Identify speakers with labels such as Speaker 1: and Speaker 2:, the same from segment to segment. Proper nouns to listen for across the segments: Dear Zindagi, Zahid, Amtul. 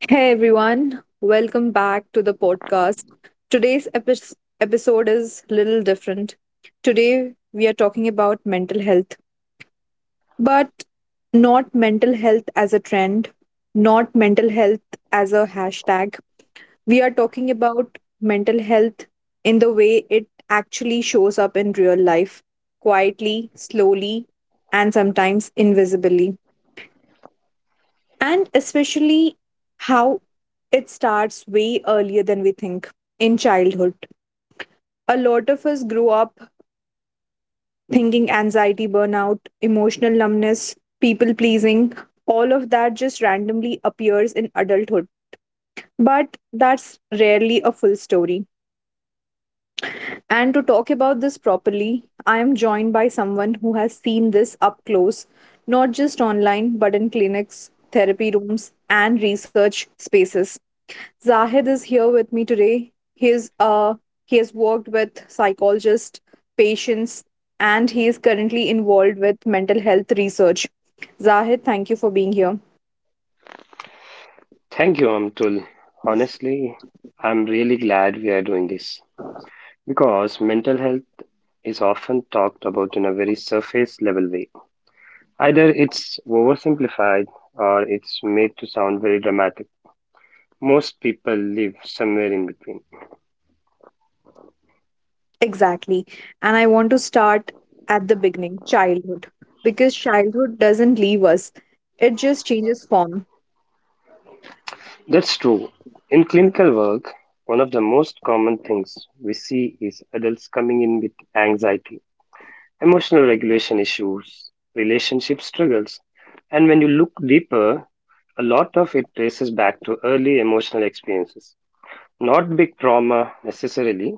Speaker 1: Hey everyone, welcome back to the podcast. Today's episode is little different. Today we are talking about mental health, but not mental health as a trend, not mental health as a hashtag. We are talking about mental health in the way it actually shows up in real life, quietly, slowly, and sometimes invisibly. And especially how it starts way earlier than we think, in childhood. A lot of us grow up thinking anxiety, burnout, emotional numbness, people pleasing, all of that just randomly appears in adulthood. But that's rarely a full story. And to talk about this properly, I am joined by someone who has seen this up close, not just online, but in clinics, therapy rooms, and research spaces. Zahid is here with me today. He is uh he has worked with psychologists, patients, and he is currently involved with mental health research. Zahid, thank you for being here.
Speaker 2: Thank you, Amtul. Honestly, I'm really glad we are doing this because mental health is often talked about in a very surface level way. Either it's oversimplified or it's made to sound very dramatic. Most people live somewhere in between.
Speaker 1: Exactly. And I want to start at the beginning, childhood. Because childhood doesn't leave us. It just changes form.
Speaker 2: That's true. In clinical work, one of the most common things we see is adults coming in with anxiety emotional regulation issues, relationship struggles. And when you look deeper, a lot of it traces back to early emotional experiences. Not big trauma necessarily,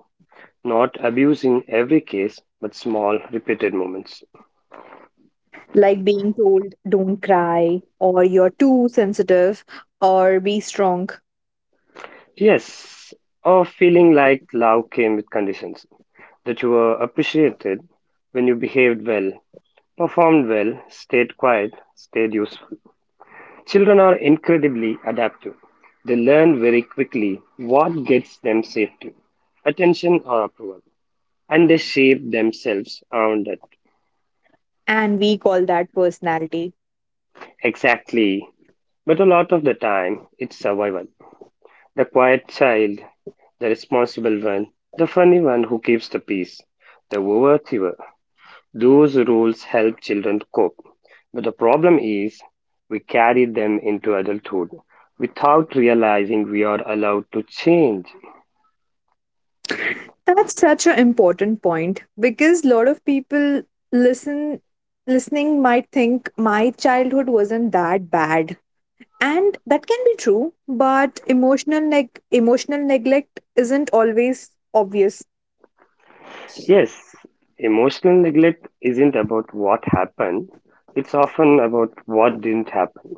Speaker 2: not abuse in every case, but small repeated moments.
Speaker 1: Like being told don't cry, or you're too sensitive, or be strong.
Speaker 2: Yes, or feeling like love came with conditions, that you were appreciated when you behaved well, performed well, stayed quiet, stayed useful. Children are incredibly adaptive. They learn very quickly what gets them safety, attention, or approval, and they shape themselves around it.
Speaker 1: And we call that personality.
Speaker 2: Exactly. But a lot of the time, it's survival. The quiet child, the responsible one, the funny one who keeps the peace, the overachiever. Those roles help children cope. But the problem is, we carry them into adulthood without realizing we are allowed to change.
Speaker 1: That's such an important point because a lot of people listen listening might think my childhood wasn't that bad, and that can be true, but emotional neglect isn't always obvious,
Speaker 2: Yes, emotional neglect isn't about what happened, it's often about what didn't happen.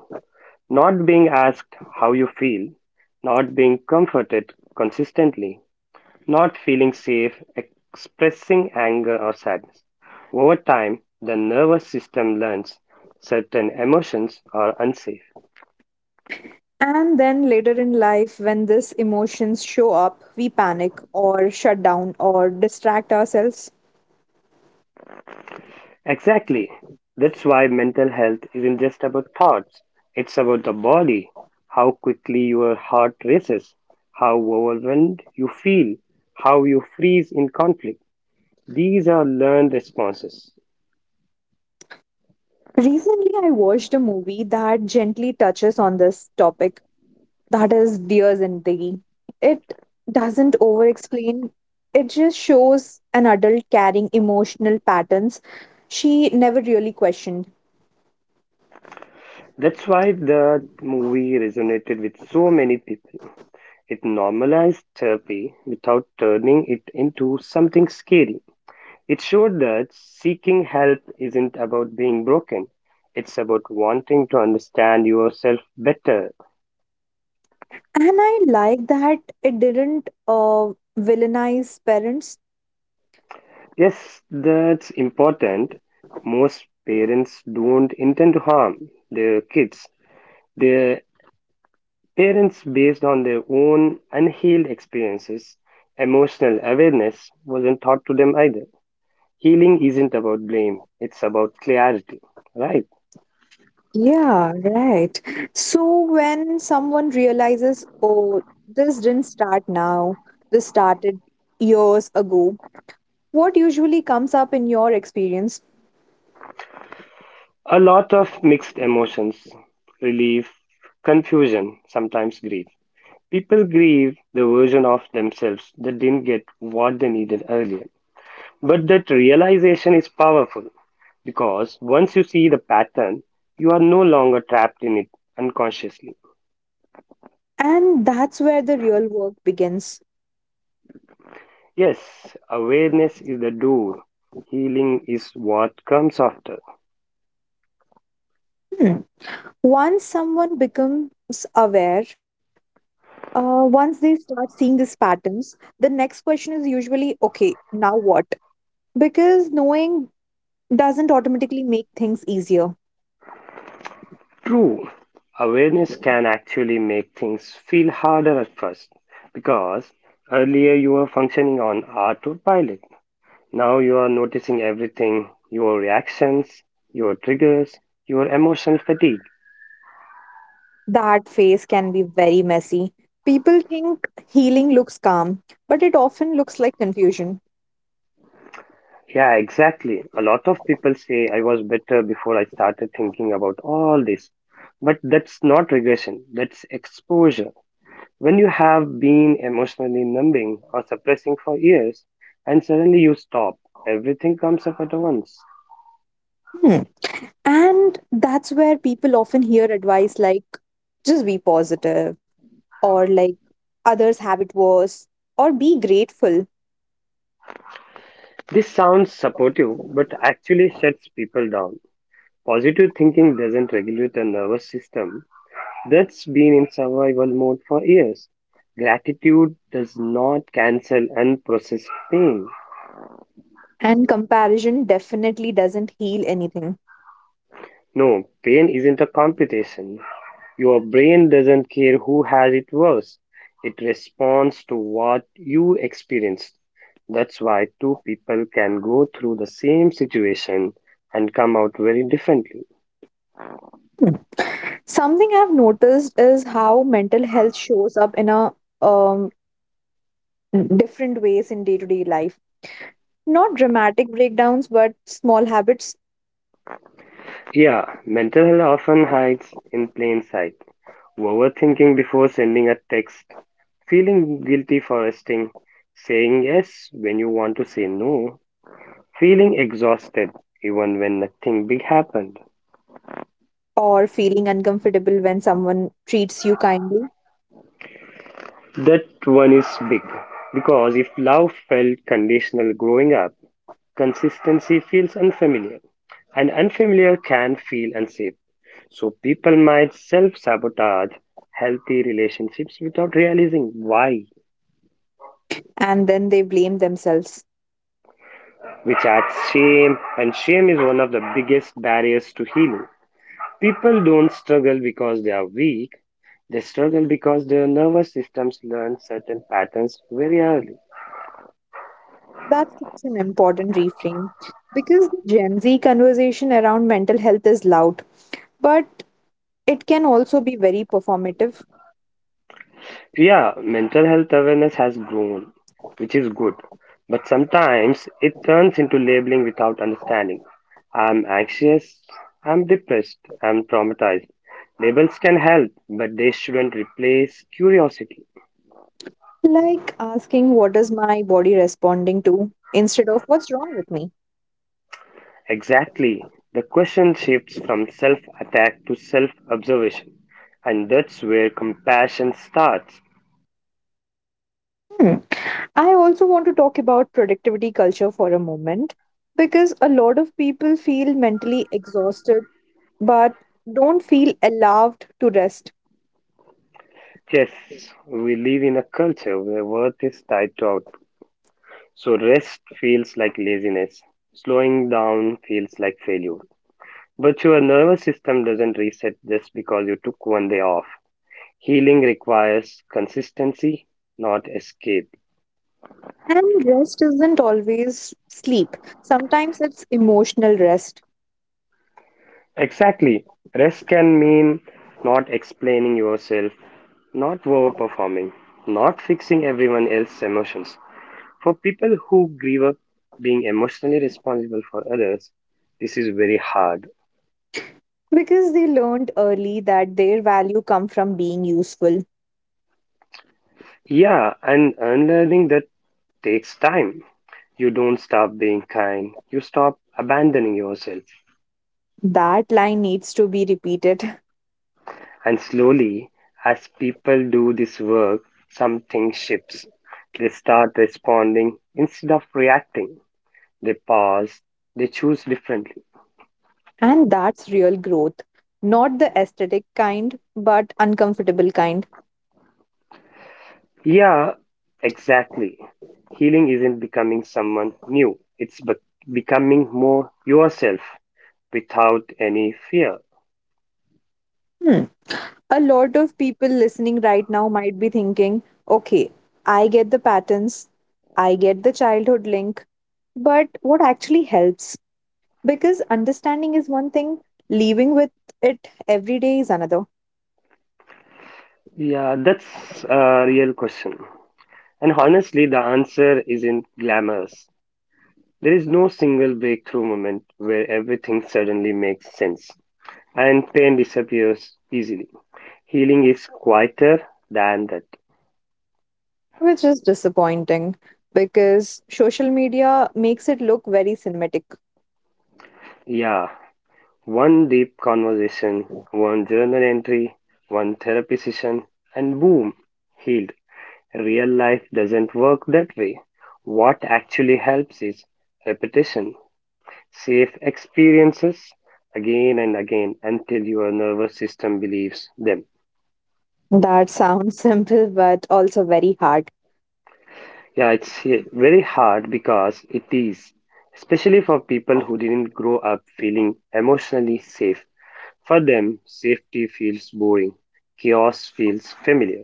Speaker 2: Not being asked how you feel, not being comforted consistently, not feeling safe expressing anger or sadness. Over time, the nervous system learns certain emotions are unsafe.
Speaker 1: and then later in life when these emotions show up, we panic or shut down or distract ourselves.
Speaker 2: Exactly. That's why mental health isn't just about thoughts, it's about the body, how quickly your heart races, how overwhelmed you feel, how you freeze in conflict. These are learned responses.
Speaker 1: Recently I watched a movie that gently touches on this topic, that is Dear Zindagi. It doesn't over explain, it just shows an adult carrying emotional patterns she never really questioned.
Speaker 2: That's why the movie resonated with so many people. It normalized therapy without turning it into something scary. It showed that seeking help isn't about being broken, it's about wanting to understand yourself better.
Speaker 1: And I like that it didn't villainize parents.
Speaker 2: Yes, that's important. Most parents don't intend to harm their kids. Their parents, based on their own unhealed experiences, emotional awareness wasn't taught to them either. Healing isn't about blame, it's about clarity, right?
Speaker 1: Yeah, right. So when someone realizes, oh, this didn't start now, this started years ago, what usually comes up in your experience?
Speaker 2: A lot of mixed emotions relief, confusion, sometimes grief. People grieve the version of themselves that didn't get what they needed earlier. But that realization is powerful because once you see the pattern, you are no longer trapped in it unconsciously.
Speaker 1: And that's where the real work begins.
Speaker 2: Yes, awareness is the door, healing is what comes after.
Speaker 1: Hmm. Once someone becomes aware, once they start seeing these patterns, the next question is usually, okay, now what? Because knowing doesn't automatically make things easier.
Speaker 2: True, awareness can actually make things feel harder at first because earlier you were functioning on autopilot. Now you are noticing everything your reactions, your triggers, your emotional fatigue.
Speaker 1: That phase can be very messy. People think healing looks calm, but it often looks like confusion.
Speaker 2: Yeah, exactly. A lot of people say I was better before I started thinking about all this. But that's not regression, that's exposure. When you have been emotionally numbing or suppressing for years and suddenly you stop, everything comes up at once.
Speaker 1: Hmm. And that's where people often hear advice like, just be positive, or like, others have it worse, or be grateful.
Speaker 2: This sounds supportive but actually shuts people down. Positive thinking doesn't regulate a nervous system that's been in survival mode for years. Gratitude does not cancel unprocessed pain.
Speaker 1: And comparison definitely doesn't heal anything.
Speaker 2: No, pain isn't a competition. Your brain doesn't care who has it worse, it responds to what you experienced. That's why two people can go through the same situation and come out very differently.
Speaker 1: Hmm. Something I've noticed is how mental health shows up in a um, different ways in day to day life. Not dramatic breakdowns, but small habits.
Speaker 2: Yeah, mental health often hides in plain sight. Overthinking before sending a text, feeling guilty for resting, saying yes when you want to say no, feeling exhausted even when nothing big happened.
Speaker 1: Or feeling uncomfortable when someone treats you kindly.
Speaker 2: That one is big because if love felt conditional growing up, consistency feels unfamiliar, and unfamiliar can feel unsafe. So people might self sabotage healthy relationships without realizing why,
Speaker 1: And then they blame themselves.
Speaker 2: which adds shame, and shame is one of the biggest barriers to healing. People don't struggle because they are weak, they struggle because their nervous systems learn certain patterns very early.
Speaker 1: That's such an important reframe because the Gen Z conversation around mental health is loud, but it can also be very performative,
Speaker 2: Yeah, mental health awareness has grown, which is good, but sometimes it turns into labeling without understanding. I'm anxious, I'm depressed, I'm traumatized. Labels can help, but they shouldn't replace curiosity.
Speaker 1: like asking, what is my body responding to? Instead of what's wrong with me?
Speaker 2: Exactly, the question shifts from self attack to self observation, and that's where compassion starts.
Speaker 1: Hmm. I also want to talk about productivity culture for a moment because a lot of people feel mentally exhausted but don't feel allowed to rest.
Speaker 2: Yes, we live in a culture where worth is tied to output. So rest feels like laziness. Slowing down feels like failure. But your nervous system doesn't reset just because you took one day off. Healing requires consistency, not escape.
Speaker 1: And rest isn't always sleep, sometimes it's emotional rest.
Speaker 2: Exactly. Rest can mean not explaining yourself, not overperforming, not fixing everyone else's emotions. For people who grieve up being emotionally responsible for others, this is very hard.
Speaker 1: Because they learned early that their value come from being useful.
Speaker 2: Yeah, and unlearning that takes time. You don't stop being kind, you stop abandoning yourself.
Speaker 1: That line needs to be repeated.
Speaker 2: And slowly, as people do this work, something shifts. They start responding instead of reacting. They pause, they choose differently.
Speaker 1: And that's real growth. Not the aesthetic kind, but uncomfortable kind.
Speaker 2: Yeah, exactly. Healing isn't becoming someone new, it's becoming more yourself without any fear.
Speaker 1: Hmm. A lot of people listening right now might be thinking, okay, I get the patterns, I get the childhood link, but what actually helps? Because understanding is one thing, living with it every day is another,
Speaker 2: Yeah, that's a real question. And honestly, the answer isn't glamorous. There is no single breakthrough moment where everything suddenly makes sense and pain disappears easily. Healing is quieter than that.
Speaker 1: which is disappointing because social media makes it look very cinematic.
Speaker 2: Yeah, one deep conversation, one journal entry, one therapy session, and boom, healed. Real life doesn't work that way. What actually helps is repetition, safe experiences again and again until your nervous system believes them.
Speaker 1: That sounds simple but also very hard.
Speaker 2: Yeah, it's very hard because it is, especially for people who didn't grow up feeling emotionally safe. For them, safety feels boring, chaos feels familiar.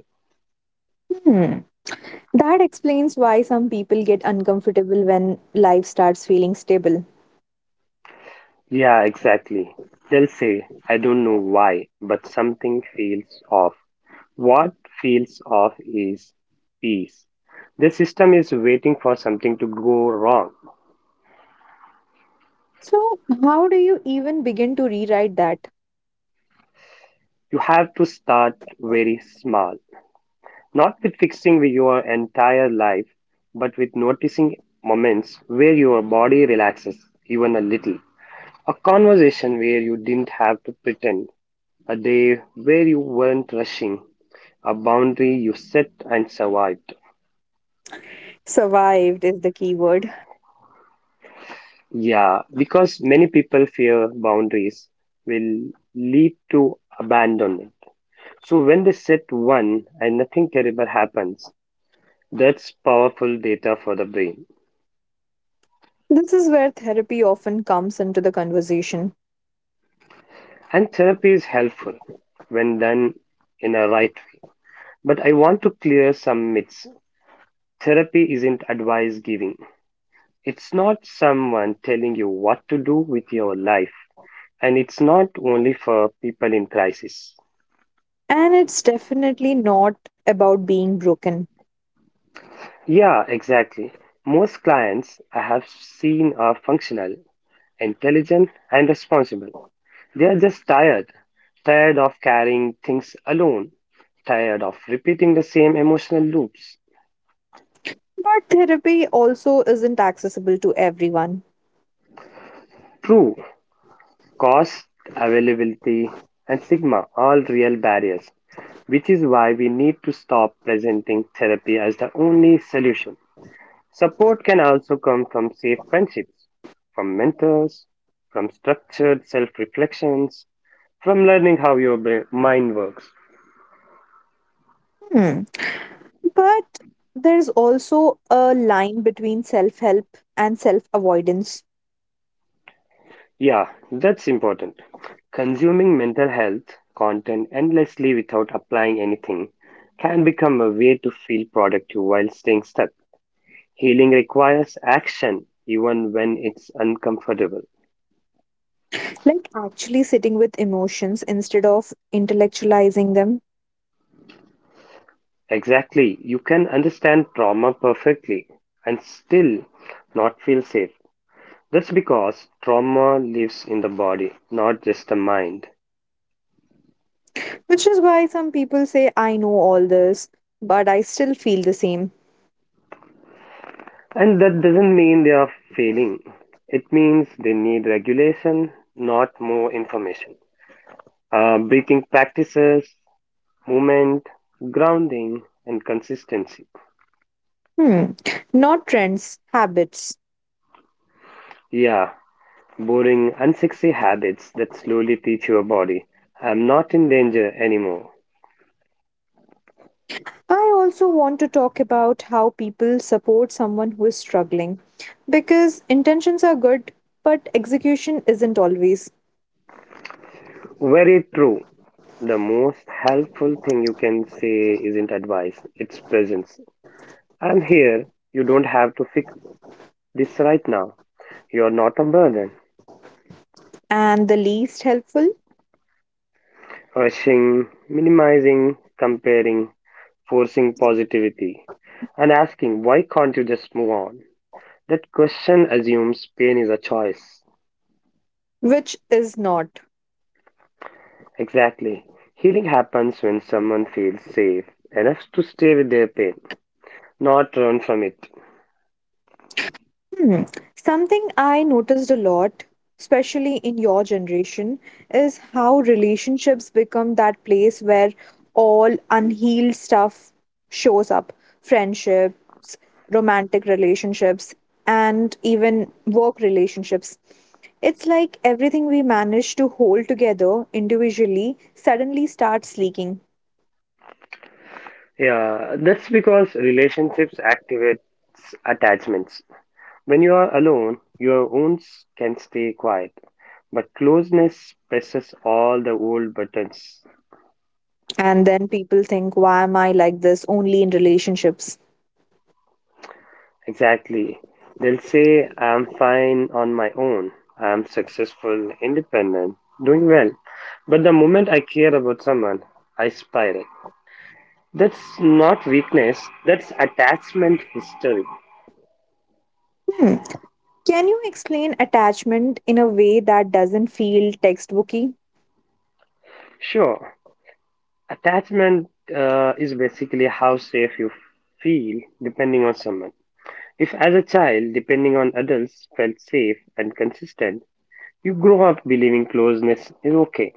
Speaker 1: Hmm. That explains why some people get uncomfortable when life starts feeling stable.
Speaker 2: Yeah, exactly. They'll say, I don't know why, but something feels off. What feels off is peace. The system is waiting for something to go wrong.
Speaker 1: So how do you even begin to rewrite that?
Speaker 2: You have to start very small, not with fixing your entire life, but with noticing moments where your body relaxes even a little. A conversation where you didn't have to pretend, a day where you weren't rushing, a boundary you set and survived.
Speaker 1: Survived is the key word.
Speaker 2: Yeah, because many people fear boundaries will lead to abandonment. So when they set one and nothing terrible happens, that's powerful data for the brain.
Speaker 1: This is where therapy often comes into the conversation.
Speaker 2: And therapy is helpful when done in a right way. But I want to clear some myths. Therapy isn't advice giving, it's not someone telling you what to do with your life. And it's not only for people in crisis.
Speaker 1: And it's definitely not about being broken.
Speaker 2: Yeah, exactly. Most clients I have seen are functional, intelligent, and responsible. They are just tired, tired of carrying things alone, tired of repeating the same emotional loops.
Speaker 1: But therapy also isn't accessible to everyone.
Speaker 2: True, cost, availability, and stigma, all real barriers, which is why we need to stop presenting therapy as the only solution. Support can also come from safe friendships, from mentors, from structured self reflections, from learning how your brain, mind works.
Speaker 1: Hmm. But there's also a line between self help and self avoidance.
Speaker 2: Yeah, that's important. Consuming mental health content endlessly without applying anything can become a way to feel productive while staying stuck. Healing requires action, even when it's uncomfortable.
Speaker 1: Like actually sitting with emotions instead of intellectualizing them.
Speaker 2: Exactly. You can understand trauma perfectly and still not feel safe. That's because trauma lives in the body, not just the mind.
Speaker 1: Which is why some people say, I know all this, but I still feel the same.
Speaker 2: And that doesn't mean they are failing. It means they need regulation, not more information. Breathing practices, movement, grounding, and consistency.
Speaker 1: Hmm. Not trends, habits.
Speaker 2: Yeah, boring, unsexy habits that slowly teach your body, I'm not in danger anymore.
Speaker 1: I also want to talk about how people support someone who is struggling, because intentions are good, but execution isn't always,
Speaker 2: Very true. The most helpful thing you can say isn't advice, it's presence. I'm here. You don't have to fix this right now. You're not a burden.
Speaker 1: and the least helpful,
Speaker 2: Rushing, minimizing, comparing, forcing positivity, and asking why can't you just move on? That question assumes pain is a choice.
Speaker 1: which is not.
Speaker 2: Exactly. Healing happens when someone feels safe enough to stay with their pain, not run from it.
Speaker 1: Hmm. Something I noticed a lot, especially in your generation, is how relationships become that place where all unhealed stuff shows up. Friendships, romantic relationships, and even work relationships. It's like everything we manage to hold together individually suddenly starts leaking.
Speaker 2: Yeah, that's because relationships activate attachments. When you are alone, your wounds can stay quiet, but closeness presses all the old buttons.
Speaker 1: And then people think, why am I like this only in relationships?
Speaker 2: Exactly. They'll say, I'm fine on my own. I'm successful, independent, doing well. But the moment I care about someone, I spiral. That's not weakness, that's attachment history.
Speaker 1: Hmm. Can you explain attachment in a way that doesn't feel textbooky?
Speaker 2: Sure, attachment is basically how safe you feel depending on someone. If, as a child, depending on adults felt safe and consistent, you grow up believing closeness is okay.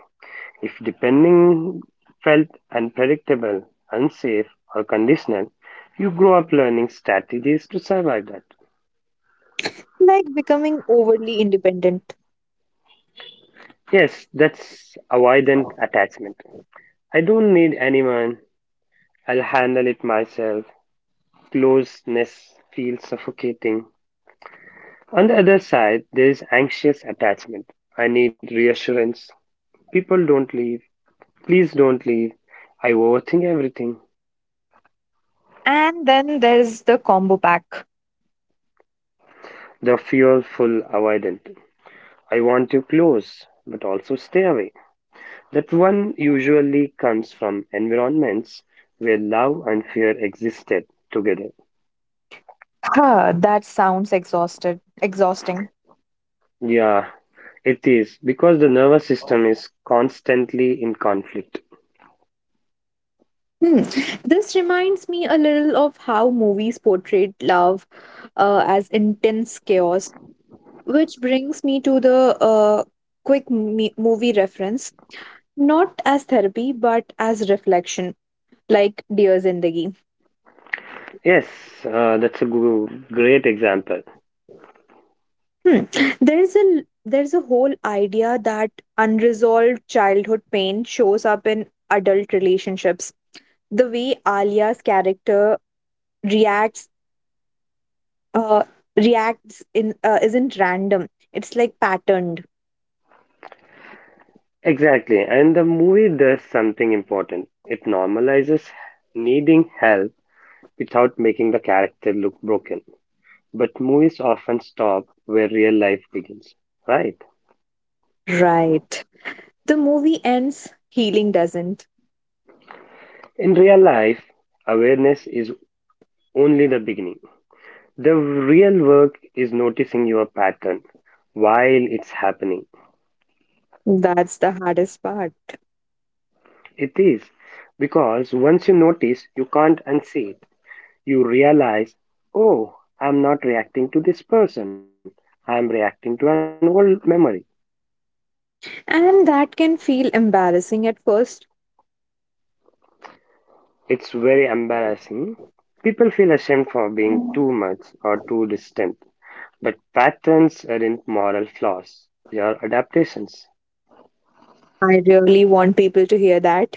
Speaker 2: If depending felt unpredictable, unsafe, or conditional, you grow up learning strategies to survive that.
Speaker 1: Like becoming overly independent.
Speaker 2: Yes, that's avoidant attachment. I don't need anyone. I'll handle it myself. Closeness feels suffocating. On the other side, there is anxious attachment. I need reassurance. People don't leave. Please don't leave. I overthink everything.
Speaker 1: And then there's the combo pack.
Speaker 2: The fearful avoidant. I want you close, but also stay away. That one usually comes from environments where love and fear existed together.
Speaker 1: Huh, that sounds exhausting.
Speaker 2: Yeah, it is because the nervous system is constantly in conflict.
Speaker 1: Hmm. This reminds me a little of how movies portrayed love as intense chaos, which brings me to the quick movie reference, not as therapy but as reflection, like Dear Zindagi.
Speaker 2: Yes, that's a great example.
Speaker 1: Hmm. There's a whole idea that unresolved childhood pain shows up in adult relationships. The way Alia's character reacts uh, reacts in isn't random, it's like patterned,
Speaker 2: Exactly. And the movie does something important. It normalizes needing help without making the character look broken. But movies often stop where real life begins, right?
Speaker 1: right? The movie ends, healing doesn't.
Speaker 2: In real life, awareness is only the beginning. The real work is noticing your pattern while it's happening.
Speaker 1: That's the hardest part.
Speaker 2: It is because once you notice, you can't unsee it. You realize, oh, I'm not reacting to this person, I'm reacting to an old memory.
Speaker 1: And that can feel embarrassing at first.
Speaker 2: It's very embarrassing. People feel ashamed for being too much or too distant. But patterns aren't moral flaws, they are adaptations.
Speaker 1: I really want people to hear that.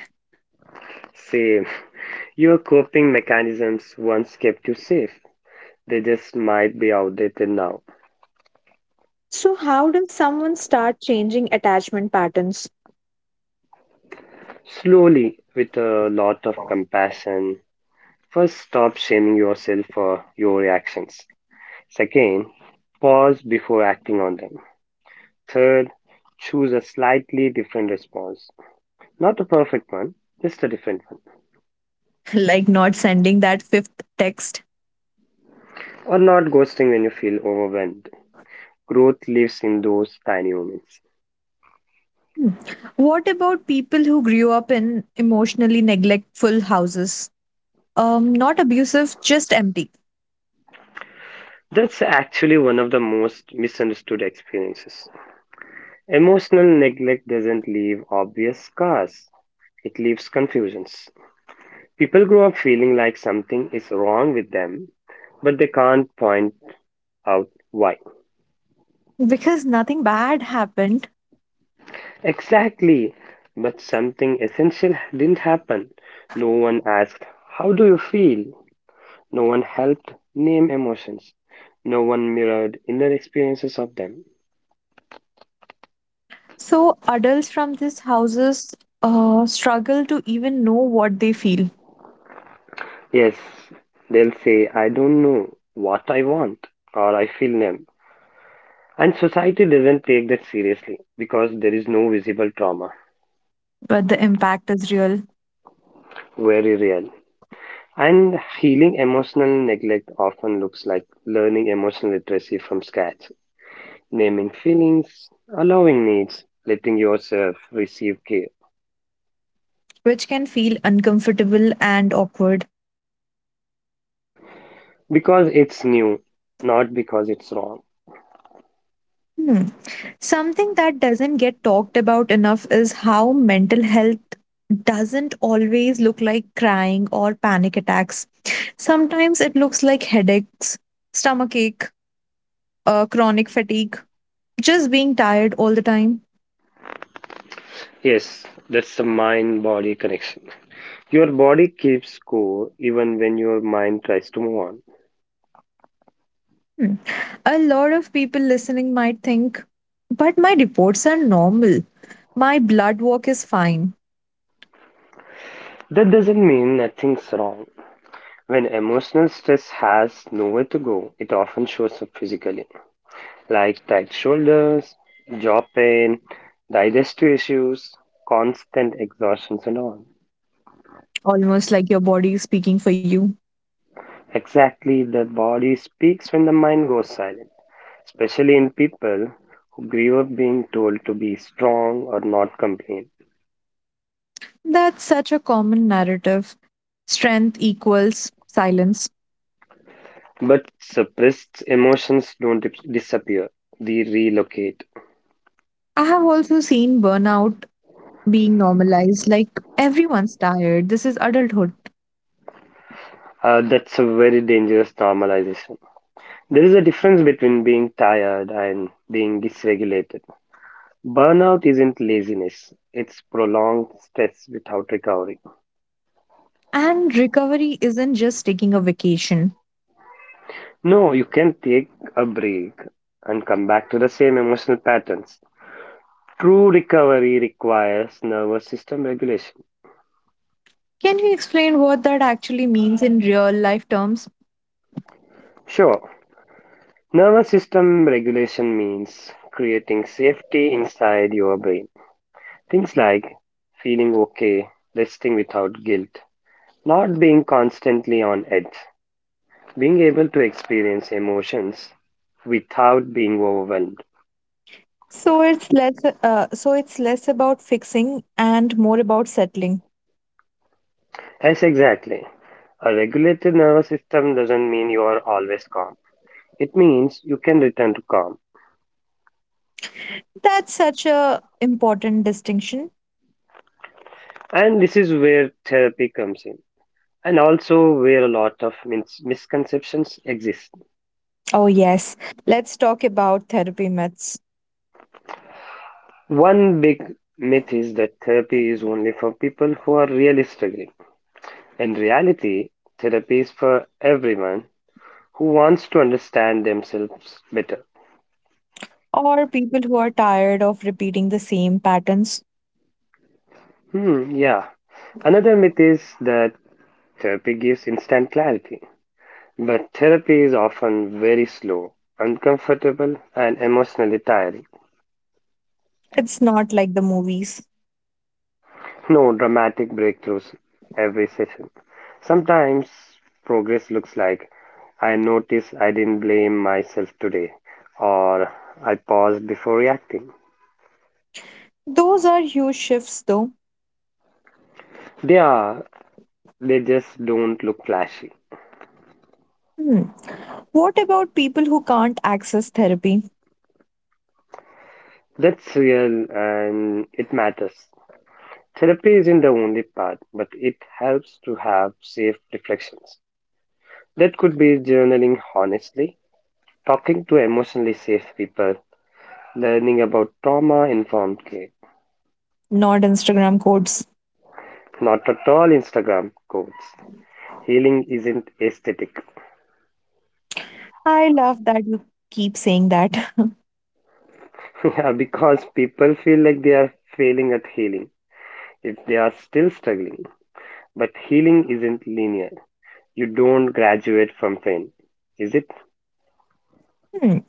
Speaker 2: Say, your coping mechanisms once kept you safe, they just might be outdated now.
Speaker 1: So how does someone start changing attachment patterns?
Speaker 2: Slowly, with a lot of compassion, first stop shaming yourself for your reactions. Second, pause before acting on them. Third, choose a slightly different response. Not a perfect one, just a different one.
Speaker 1: Like not sending that fifth text.
Speaker 2: Or not ghosting when you feel overwhelmed. Growth lives in those tiny moments.
Speaker 1: Hmm. What about people who grew up in emotionally neglectful houses? Not abusive, just empty.
Speaker 2: That's actually one of the most misunderstood experiences. Emotional neglect doesn't leave obvious scars, it leaves confusions. People grow up feeling like something is wrong with them, but they can't point out why.
Speaker 1: Because nothing bad happened.
Speaker 2: Exactly. But something essential didn't happen. No one asked, how do you feel? No one helped name emotions. No one mirrored inner experiences of them.
Speaker 1: So adults from these houses struggle to even know what they feel,
Speaker 2: Yes, they'll say, I don't know what I want, or I feel numb. And society doesn't take that seriously because there is no visible trauma.
Speaker 1: but the impact is real,
Speaker 2: Very real. And healing emotional neglect often looks like learning emotional literacy from scratch. Naming feelings, allowing needs, letting yourself receive care.
Speaker 1: which can feel uncomfortable and awkward.
Speaker 2: Because it's new, not because it's wrong.
Speaker 1: Hmm. Something that doesn't get talked about enough is how mental health doesn't always look like crying or panic attacks. Sometimes it looks like headaches, stomachache, chronic fatigue, just being tired all the time.
Speaker 2: Yes, that's the mind body connection. Your body keeps score even when your mind tries to move on.
Speaker 1: Hmm. A lot of people listening might think, but my reports are normal. My blood work is fine.
Speaker 2: That doesn't mean nothing's wrong. When emotional stress has nowhere to go, it often shows up physically, like tight shoulders, jaw pain, digestive issues, constant exhaustions, and all.
Speaker 1: Almost like your body is speaking for you.
Speaker 2: Exactly, the body speaks when the mind goes silent, especially in people who grew up being told to be strong or not complain.
Speaker 1: That's such a common narrative. Strength equals silence.
Speaker 2: But suppressed emotions don't disappear, they relocate.
Speaker 1: I have also seen burnout being normalized, like everyone's tired. This is adulthood.
Speaker 2: That's a very dangerous normalization. There is a difference between being tired and being dysregulated. Burnout isn't laziness, it's prolonged stress without recovery.
Speaker 1: And recovery isn't just taking a vacation.
Speaker 2: No, you can take a break and come back to the same emotional patterns. True recovery requires nervous system regulation.
Speaker 1: Can you explain what that actually means in real life terms?
Speaker 2: Sure, nervous system regulation means creating safety inside your brain. Things like feeling okay, resting without guilt, not being constantly on edge, being able to experience emotions without being overwhelmed.
Speaker 1: So it's less about fixing and more about settling.
Speaker 2: Yes, exactly. A regulated nervous system doesn't mean you are always calm. It means you can return to calm.
Speaker 1: That's such a important distinction.
Speaker 2: And this is where therapy comes in. And also where a lot of misconceptions exist.
Speaker 1: Oh yes, let's talk about therapy myths,
Speaker 2: One big myth is that therapy is only for people who are really struggling. In reality, therapy is for everyone who wants to understand themselves better.
Speaker 1: or people who are tired of repeating the same patterns.
Speaker 2: Yeah. Another myth is that therapy gives instant clarity, but therapy is often very slow, uncomfortable, and emotionally tiring.
Speaker 1: It's not like the movies.
Speaker 2: No dramatic breakthroughs every session. Sometimes progress looks like, I notice I didn't blame myself today, or I paused before reacting.
Speaker 1: Those are huge shifts though.
Speaker 2: They are, they just don't look flashy.
Speaker 1: Hmm. What about people who can't access therapy?
Speaker 2: That's real and it matters. Therapy isn't the only part, but it helps to have safe reflections. That could be journaling honestly, talking to emotionally safe people, learning about trauma informed care.
Speaker 1: Not Instagram codes.
Speaker 2: Not at all Instagram quotes. Healing isn't aesthetic.
Speaker 1: I love that you keep saying that.
Speaker 2: Yeah, because people feel like they are failing at healing if they are still struggling. But healing isn't linear. You don't graduate from pain, is it?
Speaker 1: Hmm.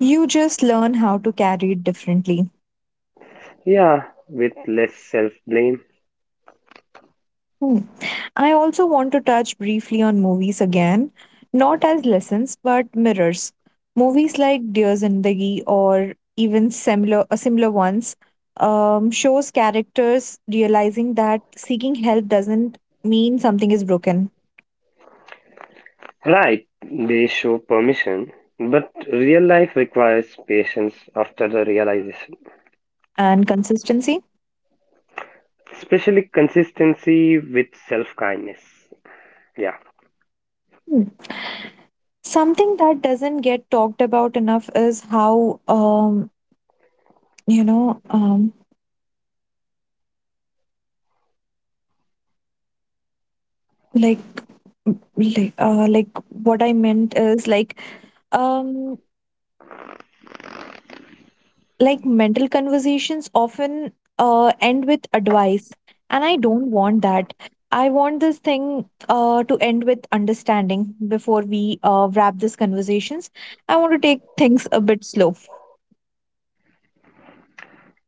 Speaker 1: You just learn how to carry it differently.
Speaker 2: Yeah, with less self blame.
Speaker 1: Hmm. I also want to touch briefly on movies again, not as lessons but mirrors. Movies like Dear Zindagi or even similar ones shows characters realizing that seeking help doesn't mean something is broken,
Speaker 2: Right, they show permission, but real life requires patience after the realization,
Speaker 1: and consistency.
Speaker 2: especially consistency with self kindness. Yeah.
Speaker 1: Hmm. Something that doesn't get talked about enough is how you know um like what I meant is um mental conversations often end with advice, and I don't want that. I want this thing to end with understanding before we wrap this conversations. I want to take things a bit slow.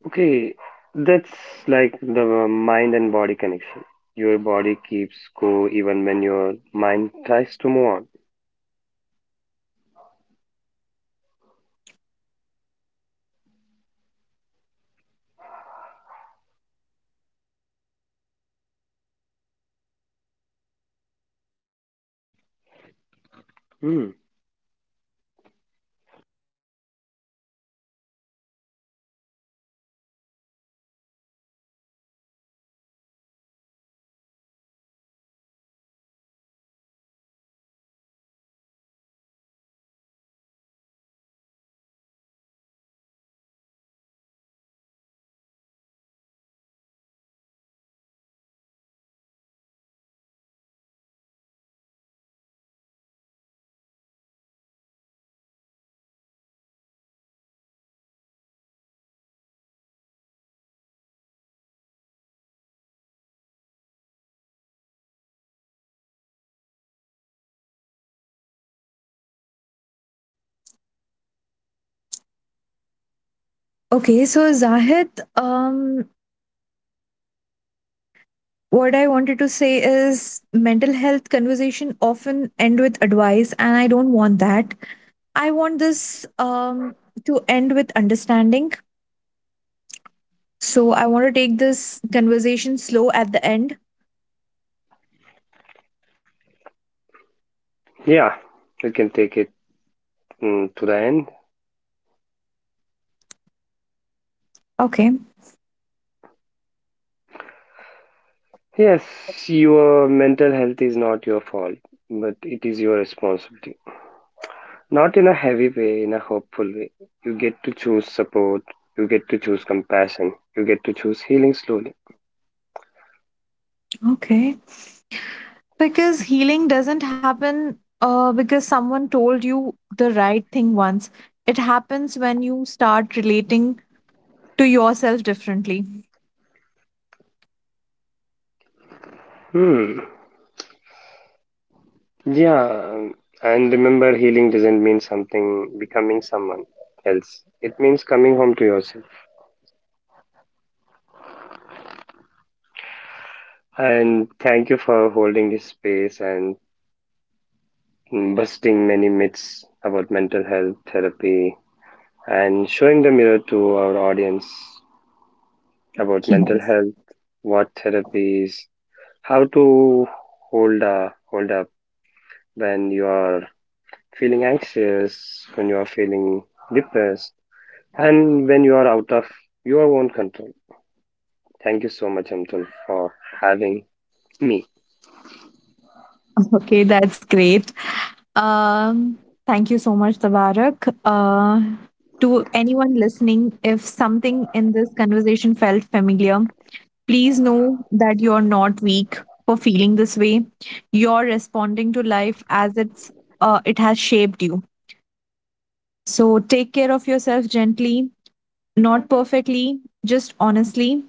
Speaker 2: Okay, that's like the mind and body connection. Your body keeps go even when your mind tries to move on. Hmm.
Speaker 1: Okay, so Zahid, um, what I wanted to say is mental health conversation often end with advice, and I don't want that. I want this to end with understanding. So I want to take this conversation slow at the end.
Speaker 2: Yeah, we can take it to the end.
Speaker 1: Okay.
Speaker 2: Yes, your mental health is not your fault, but it is your responsibility. Not in a heavy way, in a hopeful way. You get to choose support, you get to choose compassion, you get to choose healing slowly.
Speaker 1: Okay. Because healing doesn't happen because someone told you the right thing once. It happens when you start relating to yourself differently.
Speaker 2: Hmm. Yeah, and remember, healing doesn't mean something becoming someone else. It means coming home to yourself. And thank you for holding this space and busting many myths about mental health therapy and showing the mirror to our audience about mental
Speaker 1: Yes.
Speaker 2: health, what therapy is, how to hold up when you are feeling anxious, when you are feeling depressed, and when you are out of your own control. Thank you so much, Amtul, for having me.
Speaker 1: Okay, that's great. Um, thank you so much, Tabarak. To anyone listening, if something in this conversation felt familiar, please know that you're not weak for feeling this way. You're responding to life as it has shaped you. So take care of yourself gently, not perfectly, just honestly.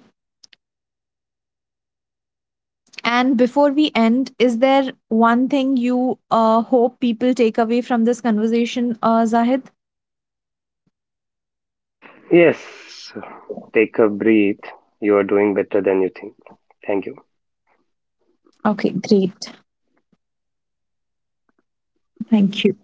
Speaker 1: And before we end, is there one thing you hope people take away from this conversation, Zahid?
Speaker 2: Yes, take a breath. You are doing better than you think. Thank you.
Speaker 1: Okay, great. Thank you.